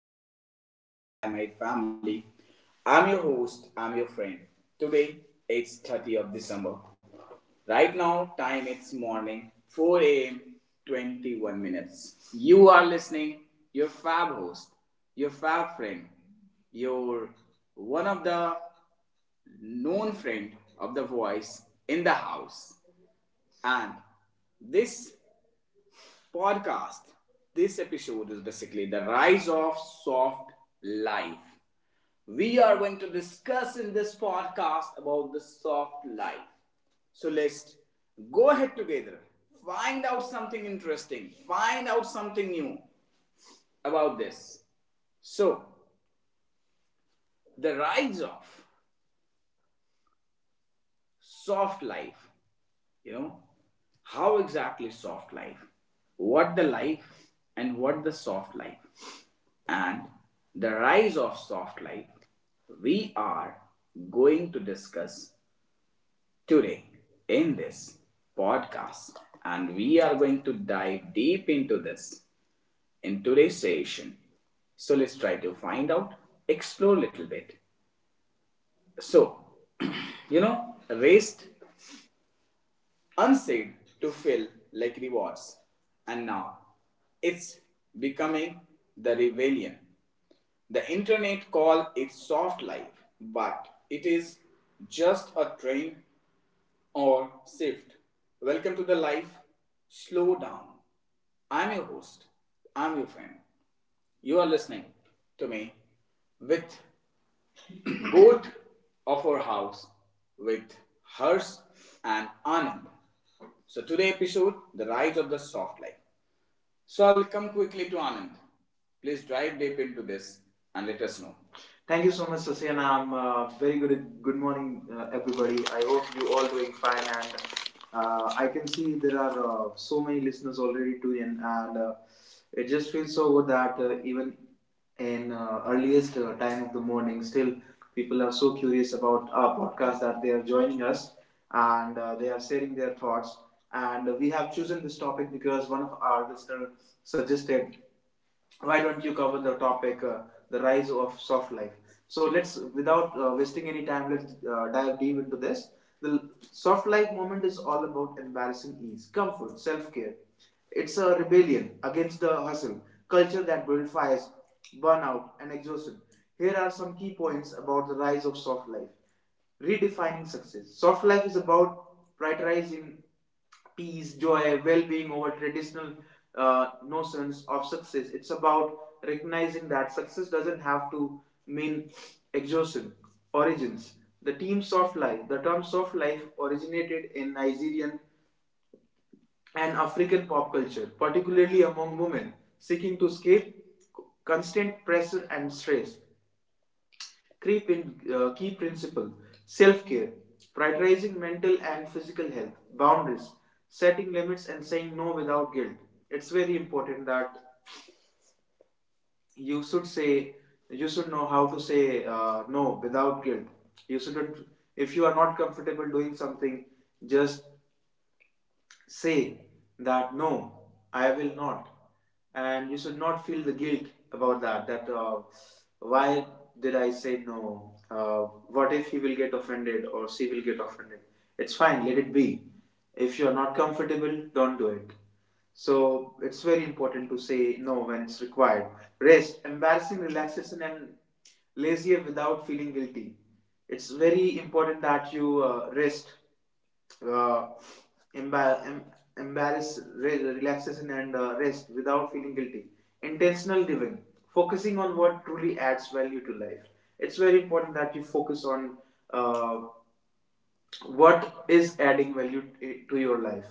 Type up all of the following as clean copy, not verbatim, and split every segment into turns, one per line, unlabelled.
hi my beloved one, hi my family. I'm your host, I'm your friend. Today it's 30th of December. Right now time it's morning 4 a.m. 21 minutes. You are listening your fab host, your fab friend, your one of the known friend of the voice in the house and this podcast. This episode is basically the rise of soft life. We are going to discuss in this podcast about the soft life. So let's go ahead together. Find out something interesting. Find out something new about this. So, the rise of soft life, you know, how exactly soft life, what the life and what the soft life and the rise of soft life we are going to discuss today in this podcast, and we are going to dive deep into this in today's session. So let's try to find out, explore a little bit. So you know, rest unsaid to feel like rewards. And now it's becoming the rebellion. The internet call it soft life, but it is just a train or shift. Welcome to the life slow down. I'm your host. I'm your friend. You are listening to me with both of our house with Hers and Anand. So today episode, the rise of the soft life. So I'll come quickly to Anand. Please dive deep into this and let us know. Thank you so much, Sasyana. I'm very good. Good morning, everybody. I hope you all doing fine. And I can see there are so many listeners already tuned in, and it just feels so good that even in earliest time of the morning, still people are so curious about our podcast that they are joining us, and they are sharing their thoughts. And we have chosen this topic because one of our listeners suggested why don't you cover the topic, the rise of soft life. So let's, without wasting any time, let's dive deep into this. The soft life movement is all about embarrassing ease, comfort, self-care. It's a rebellion against the hustle culture that glorifies burnout and exhaustion. Here are some key points about the rise of soft life. Redefining success: soft life is about prioritizing peace, joy, well being over traditional notions of success. It's about recognizing that success doesn't have to mean exhaustion. Origins: the themes of life. The terms of life originated in Nigerian and African pop culture, particularly among women seeking to escape constant pressure and stress. Key principle: self care, prioritizing mental and physical health; boundaries, setting limits, and saying no without guilt. It's very important that you should say, you should know how to say, no without guilt. You shouldn't, if you are not comfortable doing something, just say that no, I will not. And you should not feel the guilt about that. That why did I say no? What if he will get offended or she will get offended? It's fine, let it be. If you are not comfortable, don't do it. So it's very important to say no when it's required. Rest, embarrassing relaxation, and lazier without feeling guilty. It's very important that you rest, uh, embar- em- embarrass, relaxation, and rest without feeling guilty. Intentional living, focusing on what truly adds value to life. It's very important that you focus on uh, what is adding value to your life.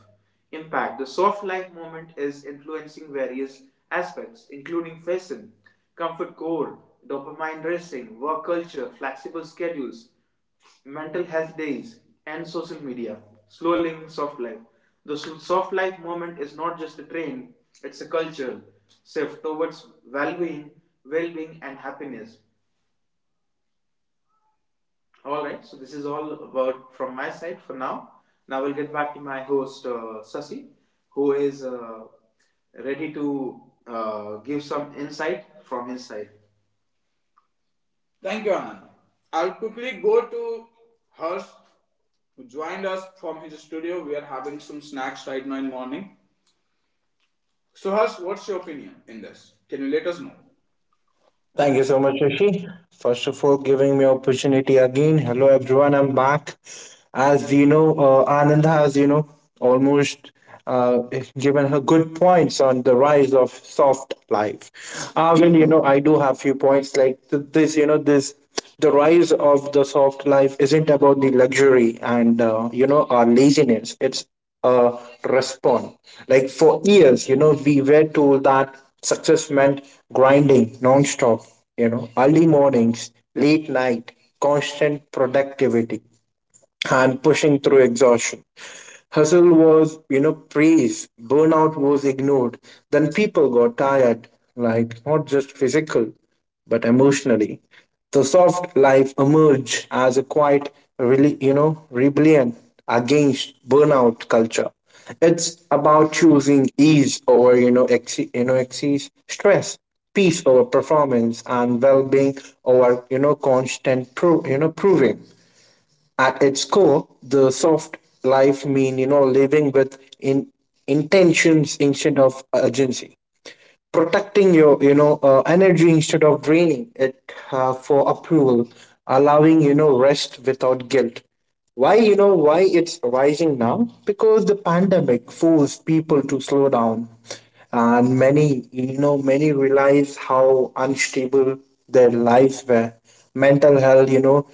Impact: the soft life movement is influencing various aspects including fashion, comfort core, dopamine racing, work culture, flexible schedules, mental health days, and social media, slow living, soft life. The soft life movement is not just a trend, it's a culture shift towards well-being, well-being and happiness. All right, so this is all about from my side for now. Now we'll get back to my host, Sasi, who is ready to give some insight from his side. Thank you, Anand. I'll quickly go to Harsh, who joined us from his studio. We are having some snacks right now in morning. So, Harsh, what's your opinion in this? Can you let us know?
Thank you so much, Rishi. First of all, giving me opportunity again. Hello, everyone. I'm back. As you know, Anand has, you know, almost uh, given her good points on the rise of soft life. Well, you know, I do have few points like this. You know, this the rise of the soft life isn't about the luxury and you know our laziness. It's uh, respond. Like for years, you know, we were told that success meant grinding nonstop, you know, early mornings, late night, constant productivity and pushing through exhaustion. Hustle was, you know, praised, burnout was ignored. Then people got tired, like not just physical, but emotionally. The soft life emerged as a quiet, really, you know, rebellion against burnout culture. It's about choosing ease over, you know, you know, excess stress, peace over performance, and well-being over, you know, constant, you know, proving. At its core, the soft life mean you know living with in intentions instead of urgency, protecting your you know energy instead of draining it for approval, allowing you know rest without guilt. Why you know why it's rising now? Because the pandemic forced people to slow down, and many you know many realize how unstable their lives were mental health you know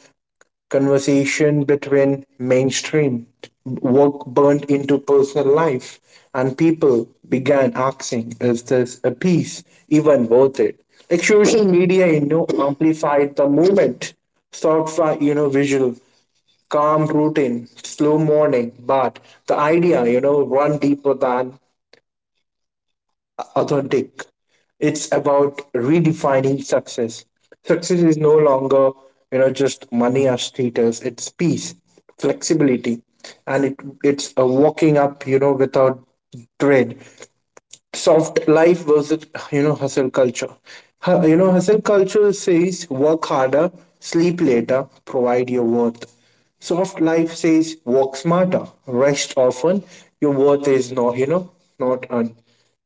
conversation between mainstream work burnt into personal life, and people began asking, is this a piece even worth it? Like social media, you know, amplified the movement, sort of, you know, visual, calm routine, slow morning, but the idea, you know, run deeper than authentic. It's about redefining success. Success is no longer, you know, just money or status. It's peace, flexibility, and it's a walking up, you know, without dread soft life versus you know hustle culture you know hustle culture says work harder sleep later provide your worth soft life says work smarter rest often your worth is not you know not earned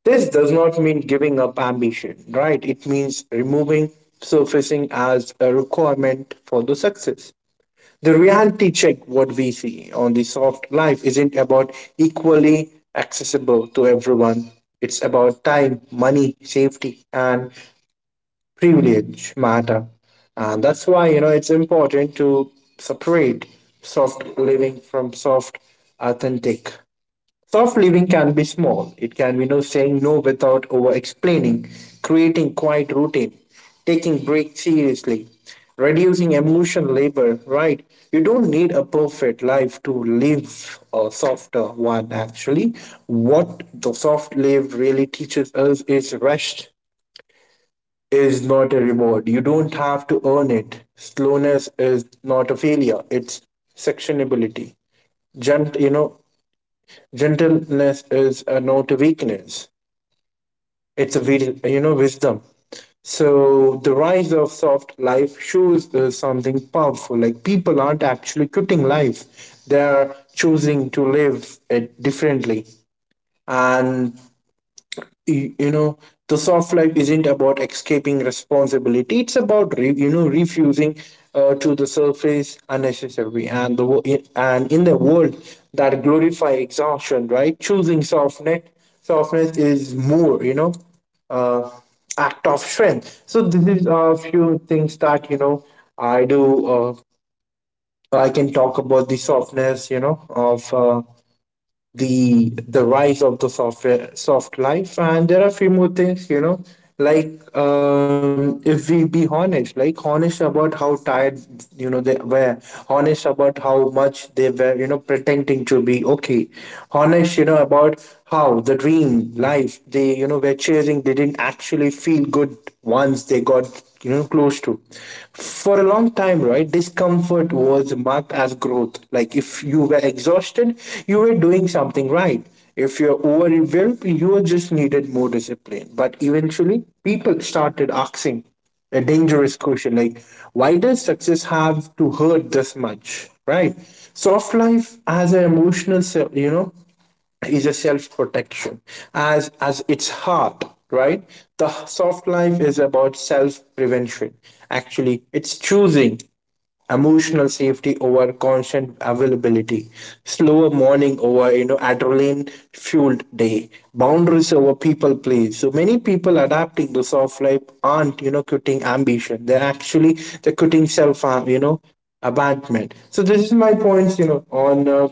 this does not mean giving up ambition right it means removing surfacing as a requirement for the success the reality check, what we see on the soft life, isn't about equally accessible to everyone. It's about time, money, safety, and privilege matter. And that's why, you know, it's important to separate soft living from soft authentic. Soft living can be small. It can be no saying no without over explaining, creating quiet routine, taking breaks seriously, reducing emotion labor, right? You don't need a perfect life to live a softer one actually. What the soft live really teaches us is rest is not a reward. You don't have to earn it. Slowness is not a failure. It's sectionability. Gent, you know, Gentleness is a no to weakness. It's a you know wisdom. So the rise of soft life shows something powerful. Like people aren't actually quitting life; they are choosing to live it differently. And you know the soft life isn't about escaping responsibility it's about you know refusing to the surface unnecessary and the and in the world that glorify exhaustion right choosing softness softness is more you know uh, act of strength so this is a few things that you know i do uh, I can talk about the softness you know of the rise of the software soft life and there are a few more things you know like if we be honest like honest about how tired you know they were honest about how much they were you know pretending to be okay honest you know about how the dream life they you know were chasing they didn't actually feel good once they got you know close to for a long time right discomfort was marked as growth like if you were exhausted you were doing something right if you're overwhelmed you just needed more discipline but eventually people started asking a dangerous question like why does success have to hurt this much right soft life as an emotional you know is a self-protection as its heart right the soft life is about self-prevention actually it's choosing emotional safety over constant availability slower morning over you know adrenaline fueled day boundaries over people please so many people adapting the soft life aren't you know quitting ambition they're actually they're quitting self you know abandonment so this is my points you know on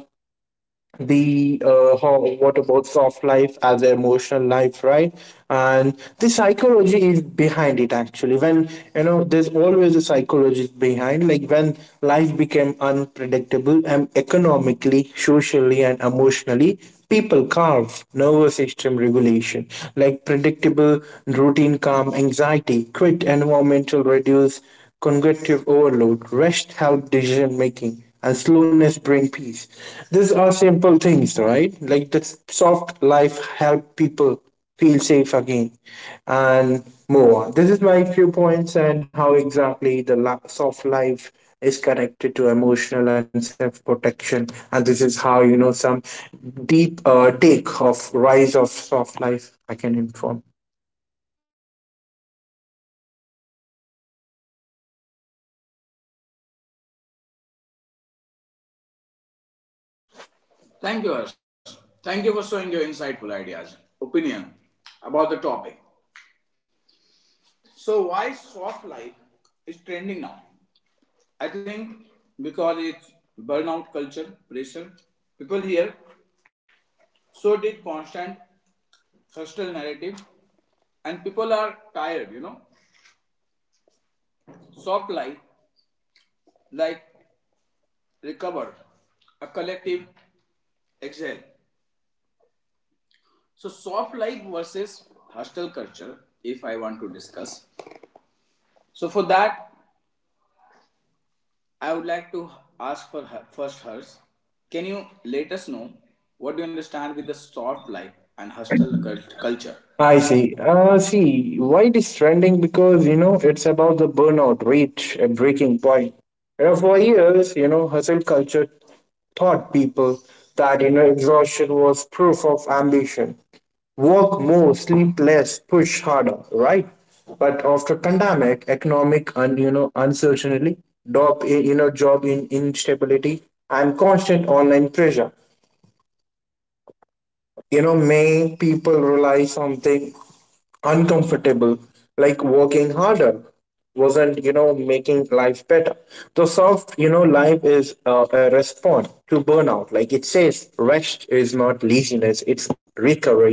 the what about soft life as an emotional life right and the psychology is behind it actually when you know there's always a psychology behind like when life became unpredictable and economically socially and emotionally people carve nervous system regulation like predictable routine calm anxiety quit environmental reduce cognitive overload, rest help decision making, and slowness bring peace. These are simple things, right? Like the soft life help people feel safe again and move on. This is my few points and how exactly the soft life is connected to emotional and self protection and this is how you know some deep take of rise of soft life I can inform.
Thank you, Harsh. Thank you for showing your insightful ideas, opinion about the topic. So why soft life is trending now? I think because it's burnout culture, pressure. People here, so did constant hostile narrative, and people are tired. You know, soft life like recover, a collective exhale. So soft life versus hostile culture. If I want to discuss, so for that I would like to ask for her, first hers. Can you let us know what do you understand with the soft life and culture?
I see. See, why it is trending? Because, you know, it's about the burnout rate at breaking point. You know, for years, you know, hustle culture taught people that, you know, exhaustion was proof of ambition. Work more, sleep less, push harder, right? But after pandemic, economic and, you know, uncertainty, you know, job in instability and constant online pressure, you know, many people rely something uncomfortable, like working harder wasn't, you know, making life better. So soft, you know, life is a response to burnout. Like it says, rest is not laziness, it's recovery.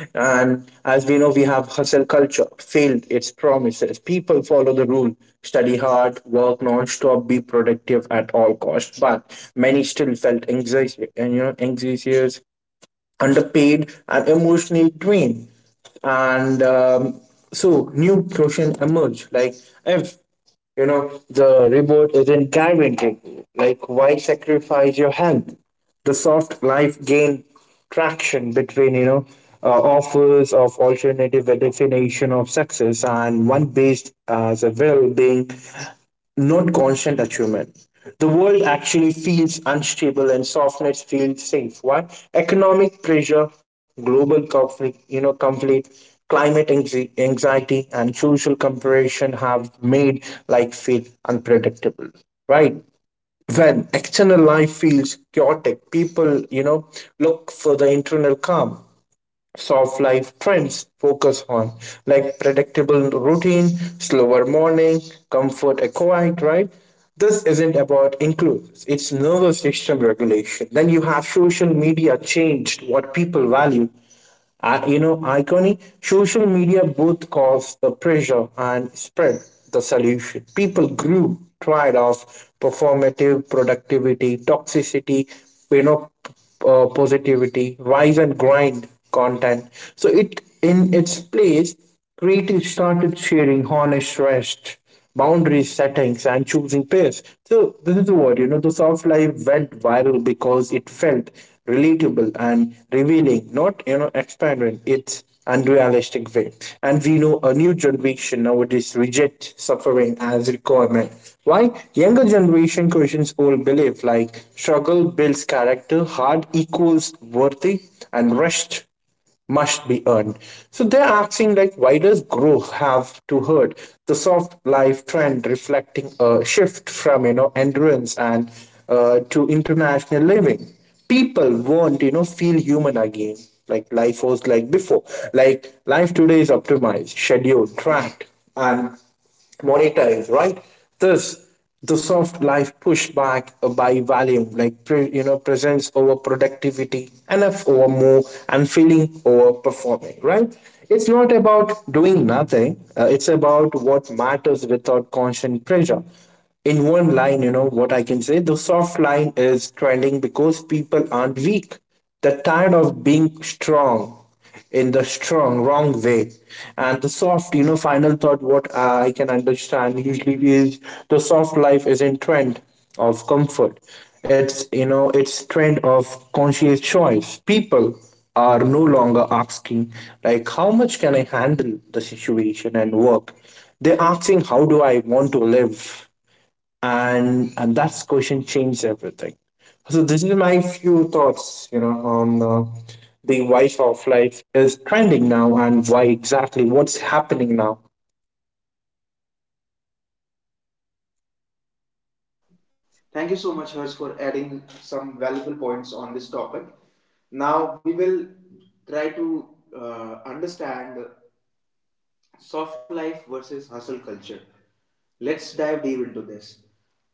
And as we know, we have hustle culture, failed its promises. People follow the rule, study hard, work non-stop, be productive at all costs. But many still felt anxiety and, you know, anxious underpaid and emotional drain, and so new question emerge like if you know the reward isn't guaranteed, like why sacrifice your health? The soft life gained traction between you know uh, offers of alternative definition of success and one based as a well-being not constant achievement. The world actually feels unstable and softness feels safe. Why? Economic pressure, global conflict, you know, conflict, climate anxiety, and social comparison have made life feel unpredictable. Right? When external life feels chaotic, people, you know, look for the internal calm soft life trends focus on, like predictable routine, slower morning, comfort, and quiet, right? This isn't about inclusive, it's nervous system regulation. Then you have social media changed what people value. You know, iconic social media both caused the pressure and spread the solution. People grew tired of performative productivity, toxicity, you know positivity rise and grind content so it in its place creatives started sharing honest rest boundary settings and choosing pairs so this is the word you know the soft life went viral because it felt relatable and revealing not you know expanding it's unrealistic way. And we know a new generation nowadays reject suffering as requirement. Why? Younger generation questions old belief like struggle builds character, hard equals worthy, and rest must be earned. So they're asking like why does growth have to hurt? The soft life trend reflecting a shift from you know endurance and to international living people won't you know feel human again like life was like before like life today is optimized scheduled tracked and monetized right this the soft life pushed back by volume like you know presence over productivity enough over more and feeling over performing right it's not about doing nothing it's about what matters without constant pressure in one line, you know, what I can say the soft line is trending because people aren't weak. They're tired of being strong in the strong, wrong way. And the soft, you know, final thought, what I can understand usually is the soft life is in trend of comfort. It's, you know, it's trend of conscious choice. People are no longer asking, like, how much can I handle the situation and work? They're asking, how do I want to live? And that question changed everything so this is my few thoughts you know on the why shelf life is trending now and why exactly what's happening now.
Thank you so much, Hers, for adding some valuable points on this topic. Now we will try to understand soft life versus hustle culture. Let's dive deep into this.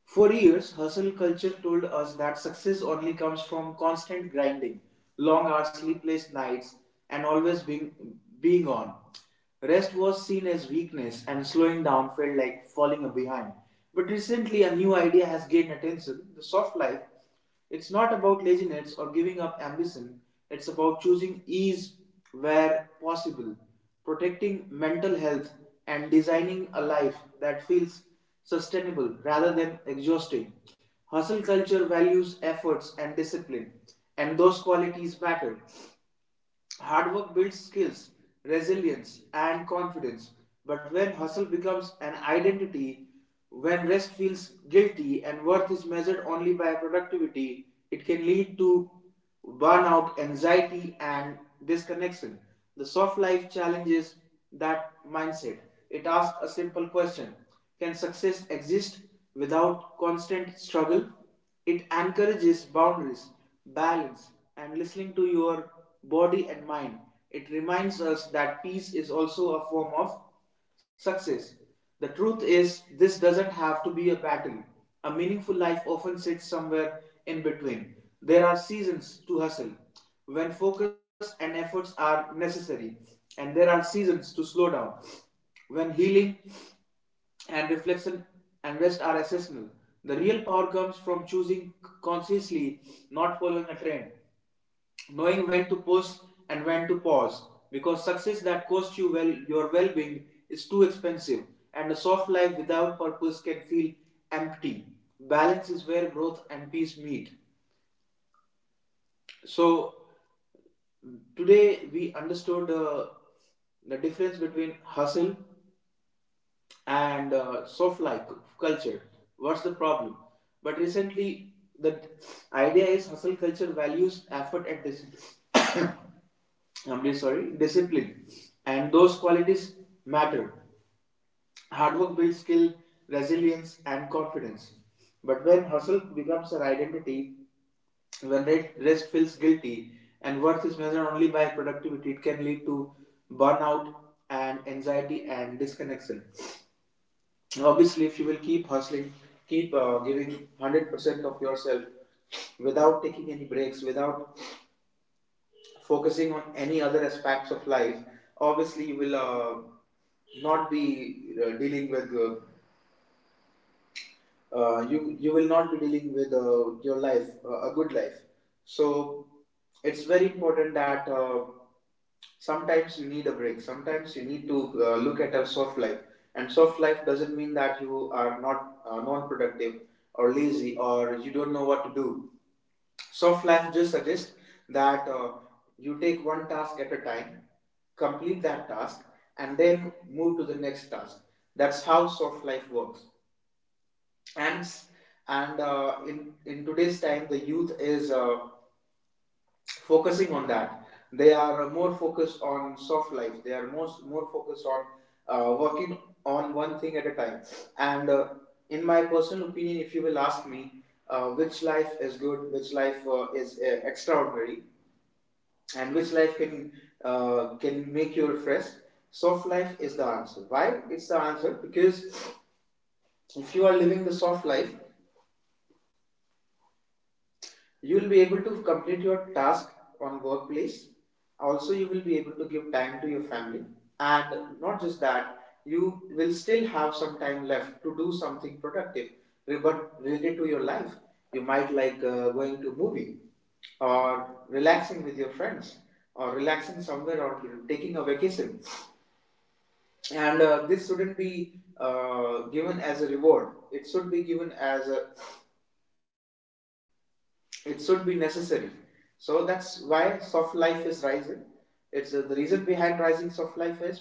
For years, hustle culture told us that success only comes from constant grinding, long hours, sleepless nights, and being on. Rest was seen as weakness, and slowing down felt like falling behind. But recently, a new idea has gained attention: the soft life. It's not about laziness or giving up ambition, it's about choosing ease where possible, protecting mental health, and designing a life that feels sustainable rather than exhausting. Hustle culture values efforts and discipline, and those qualities matter. Hard work builds skills, resilience, and confidence. But when hustle becomes an identity, when rest feels guilty and worth is measured only by productivity, it can lead to burnout, anxiety, and disconnection. The soft life challenges that mindset. It asks a simple question: can success exist without constant struggle? It encourages boundaries, balance, and listening to your body and mind. It reminds us that peace is also a form of success. The truth is, this doesn't have to be a battle. A meaningful life often sits somewhere in between. There are seasons to hustle when focus and efforts are necessary, and there are seasons to slow down when healing and reflection and rest are essential. The real power comes from choosing consciously, not following a trend, knowing when to push and when to pause. Because success that costs you well your well-being is too expensive, and a soft life without purpose can feel empty. Balance is where growth and peace meet. So today we understood the difference between hustle and soft like culture. What's the problem? But recently, the idea is hustle culture values effort and discipline. I'm really sorry, discipline, and those qualities matter. Hard work builds skill, resilience, and confidence. But when hustle becomes an identity, when rest feels guilty, and worth is measured only by productivity, it can lead to burnout and anxiety and disconnection. Obviously, if you will keep hustling, keep giving 100% of yourself without taking any breaks, without focusing on any other aspects of life, obviously you will not be dealing with you will not be dealing with your life, a good life. So it's very important that, sometimes you need a break, sometimes you need to look at a soft life. And soft life doesn't mean that you are not non-productive or lazy or you don't know what to do. Soft life just suggests that you take one task at a time, complete that task, and then move to the next task. That's how soft life works. and s- and in today's time the youth is focusing on that. They are more focused on soft life. They are most more focused on working on one thing at a time. And in my personal opinion, if you will ask me, which life is good, which life is extraordinary, and which life can make you refreshed, soft life is the answer. Why? It's the answer because if you are living the soft life you will be able to complete your task on workplace, also you will be able to give time to your family, and not just that, you will still have some time left to do something productive but related to your life. You might like going to a movie or relaxing with your friends or relaxing somewhere or taking a vacation. And this shouldn't be given as a reward, it should be given as a it should be necessary. So that's why soft life is rising. It's the reason behind rising soft life is because um,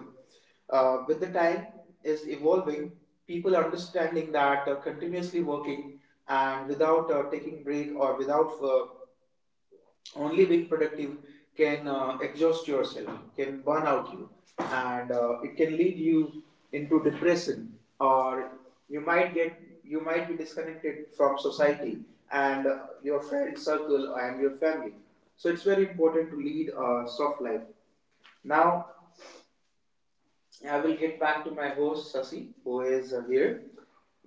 uh, with the time is evolving, people understanding that continuously working and without taking break or without only being productive can exhaust yourself, can burn out you, and it can lead you into depression, or you might get you might be disconnected from society and your friend circle and your family. So it's very important to lead a soft life. Now I will get back to my host Sasi, who is here,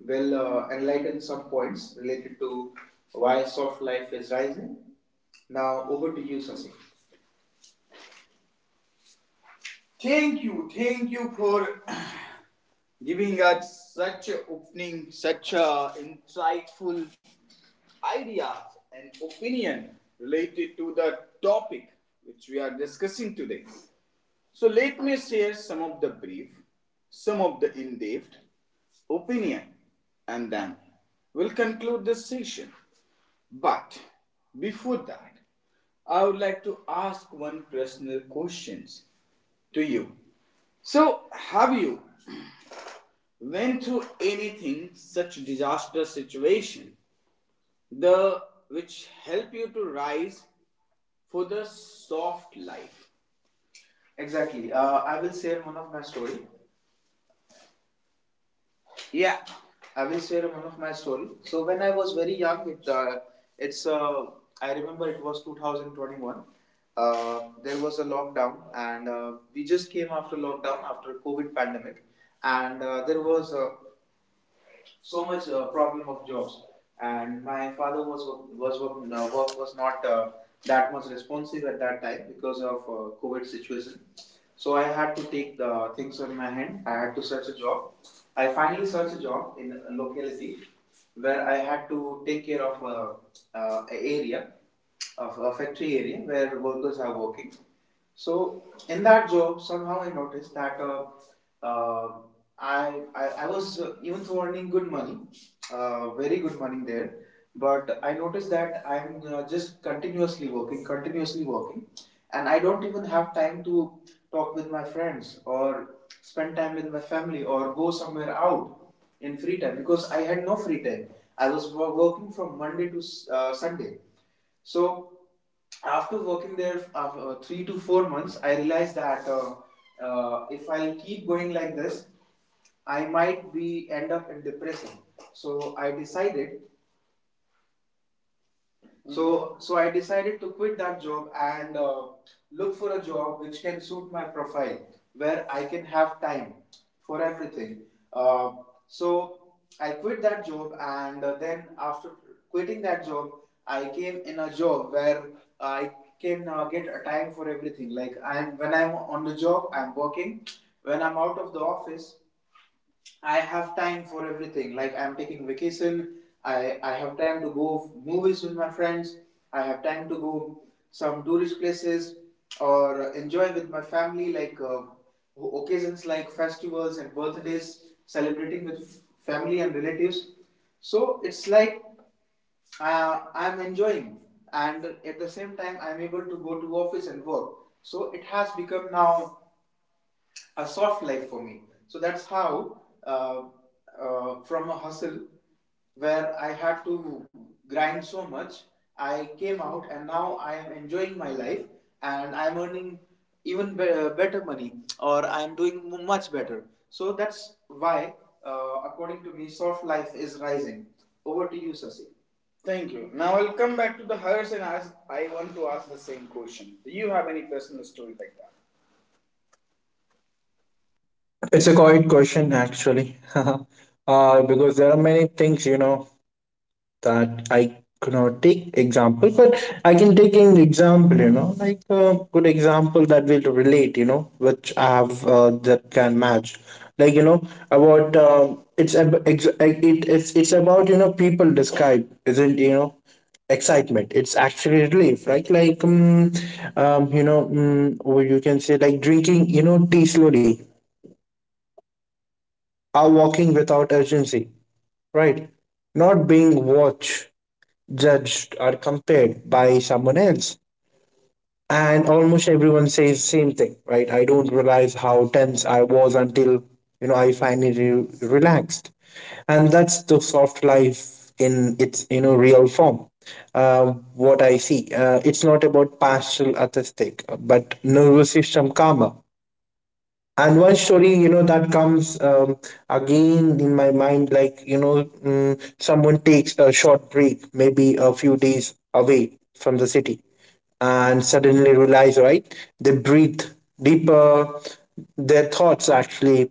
will enlighten some points related to why soft life is rising. Now, over to you, Sasi. Thank you for giving us such opening, such a insightful ideas and opinion related to the topic which we are discussing today. So let me share some of the brief, some of the in-depth opinion, and then we'll conclude this session. But before that, I would like to ask one personal questions to you. So have you went through anything such disastrous situation the which help you to rise for the soft life? Exactly. I will share one of my story. Yeah, I will share one of my story. So when I was very young, it it's I remember it was 2021. There was a lockdown, and we just came after lockdown after COVID pandemic, and there was a so much problem of jobs, and my father was was work was not that much responsive at that time because of covid situation. So I had to take the things on my hand, I had to search a job. I finally searched a job in a locality where I had to take care of a area of a factory area where workers are working. So in that job, somehow I noticed that uh, I was even though earning good money, very good money there, but I noticed that I'm just continuously working, and I don't even have time to talk with my friends or spend time with my family or go somewhere out in free time because I had no free time. I was working from Monday to Sunday. So after working there for 3 to 4 months, I realized that if I keep going like this, I might be end up in depression. So I decided Mm-hmm. So I decided to quit that job and look for a job which can suit my profile, where I can have time for everything. Uh, so I quit that job, and then after quitting that job, I came in a job where I can get a time for everything. Like, I'm when I'm on the job, I'm working. When I'm out of the office, I have time for everything. Like, I'm taking vacation. I have time to go movies with my friends. I have time to go some tourist places or enjoy with my family. Like occasions like festivals and birthdays, celebrating with family and relatives. So it's like I'm enjoying, and at the same time I'm able to go to office and work. So it has become now a soft life for me. So that's how, from a hustle where I had to grind so much, I came out and now I am enjoying my life and I'm earning better money, or I'm doing much better. So that's why, according to me, soft life is rising. Over to you, Sasi. Thank you. Now I'll come back to the hers and ask. I want to ask the same question. Do you have any personal story like that?
It's a great question actually. Because there are many things you know that I could not take example, but I can take an example, you know, like a good example that will relate, you know, which I have that can match. Like you know about it's like, it's about you know people describe isn't you know excitement it's actually relief right like you know or you can say like drinking you know tea slowly or walking without urgency right not being watched judged or compared by someone else and almost everyone says same thing right I don't realize how tense I was until you know I finally relaxed and that's the soft life in its you know real form. uh, what I see it's not about partial aesthetic but nervous system karma and one story you know that comes again in my mind like you know someone takes a short break maybe a few days away from the city and suddenly realize right they breathe deeper their thoughts actually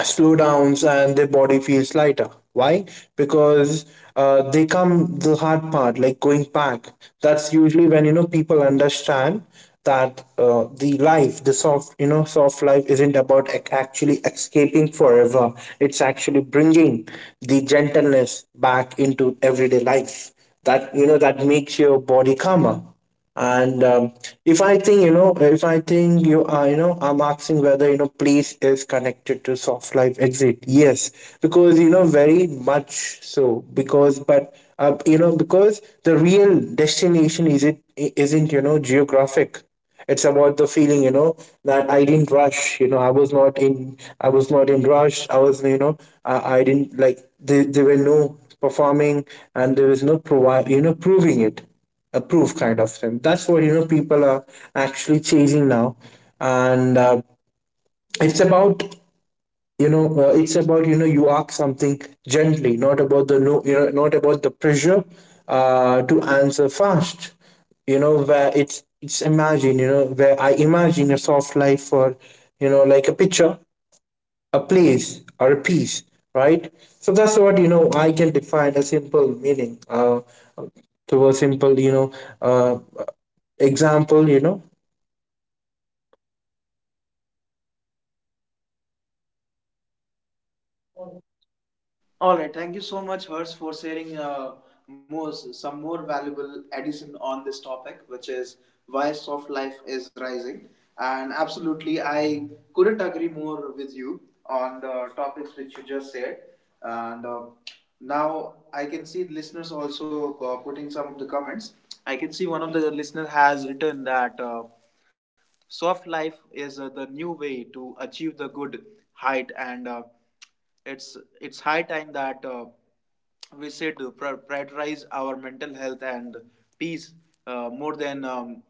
slowdowns and their body feels lighter. Why? Because they come the hard part, like going back. That's usually when you know people understand that the life, the soft, you know, soft life isn't about actually escaping forever. It's actually bringing the gentleness back into everyday life. That you know that makes your body calmer and if I think you know if I think you are you know I'm asking whether you know place is connected to soft life exit yes because you know very much so because but you know because the real destination is it isn't you know geographic it's about the feeling you know that I didn't rush you know I was not in rush I was you know I didn't like there were no performing and there was no provide you know proving it approve kind of thing. That's what you know people are actually chasing now, and it's about you know it's about you know you ask something gently, not about the no you know not about the pressure to answer fast. You know where it's imagine you know where I imagine a soft life for you know like a picture, a place or a piece, right? So that's what you know I can define a simple meaning. To a simple you know uh, example you know
All right, thank you so much, Hers, for sharing more, some more valuable addition on this topic, which is why soft life is rising. And absolutely, I couldn't agree more with you on the topics which you just said. And now I can see the listeners also putting some of the comments. I can see one of the listener has written that. Soft life is the new way to achieve the good height, and it's it's high time that we should prioritize our mental health and peace more than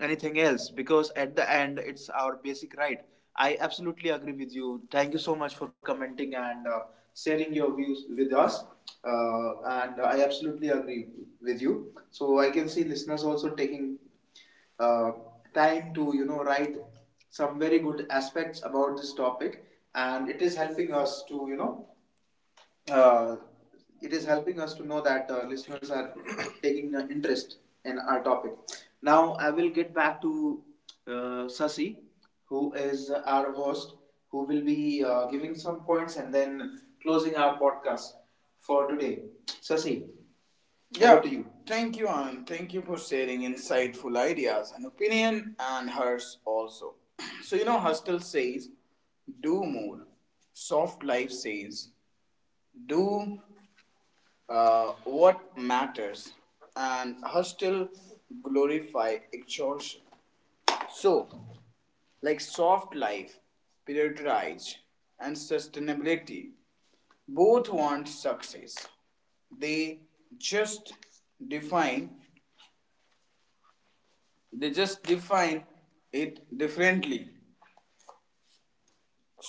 anything else, because at the end it's our basic right. I absolutely agree with you. Thank you so much for commenting and sharing your views with us. uh, and I absolutely agree with you. So I can see listeners also taking uh, time to write some very good aspects about this topic, and it is helping us to uh, it is helping us to know that listeners are taking an interest in our topic. Now I will get back to Sasi, who is our host, who will be giving some points and then closing our podcast for today. Sasi. Yeah, over to you. Thank you, Anand. Thank you for sharing insightful ideas and opinion, and hers also. So you know, Hustle says, "Do more." Soft Life says, do what matters, and hostile glorify exhaustion. So, like, soft life, prioritize, and sustainability both want success. They just define they just define it differently.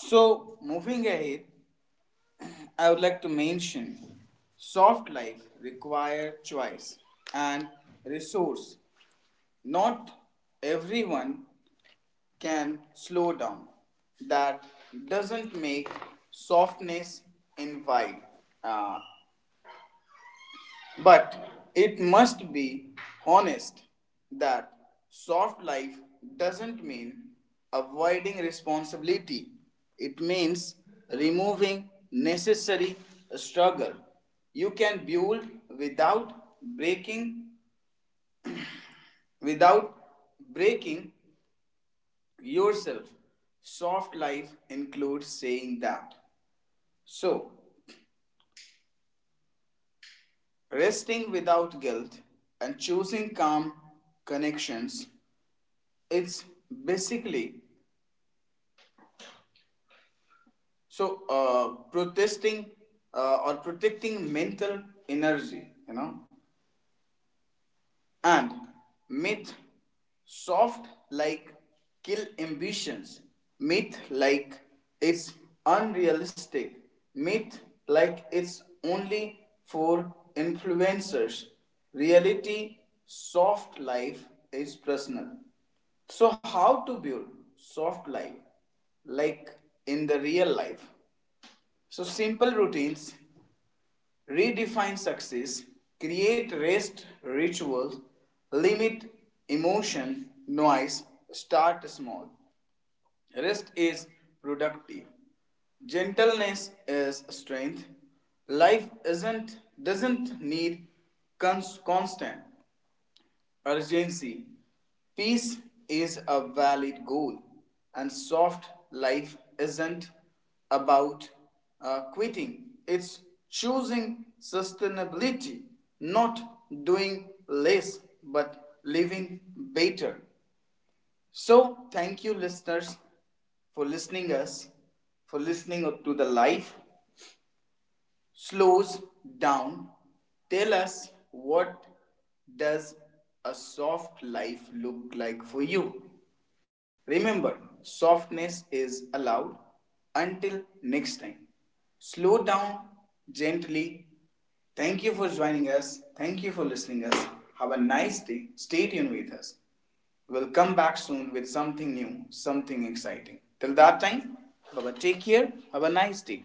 So moving ahead, I would like to mention soft life require choice and resource. Not everyone can slow down. That doesn't make softness invite. Uh, but it must be honest that soft life doesn't mean avoiding responsibility. It means removing necessary struggle. You can build without breaking without breaking yourself. Soft life includes saying that. So, resting without guilt and choosing calm connections, it's basically so protesting or protecting mental energy, you know. And myth, soft like kill ambitions, myth like it's unrealistic, myth like it's only for influencers, reality, soft life is personal. So how to build soft life, like, in the real life? So simple routines, redefine success, create rest rituals, limit emotion, noise, start small. Rest is productive. Gentleness is strength. Life isn't doesn't need constant urgency. Peace is a valid goal, and soft life isn't about quitting, it's choosing sustainability, not doing less but living better. So, thank you, listeners, for listening us, for listening to the life slows down. Tell us what does a soft life look like for you. Remember, softness is allowed. Until next time, slow down gently. Thank you for joining us, thank you for listening us. Have a nice day, stay tuned with us. We'll come back soon with something new, something exciting. Till that time, bye, take care, have a nice day.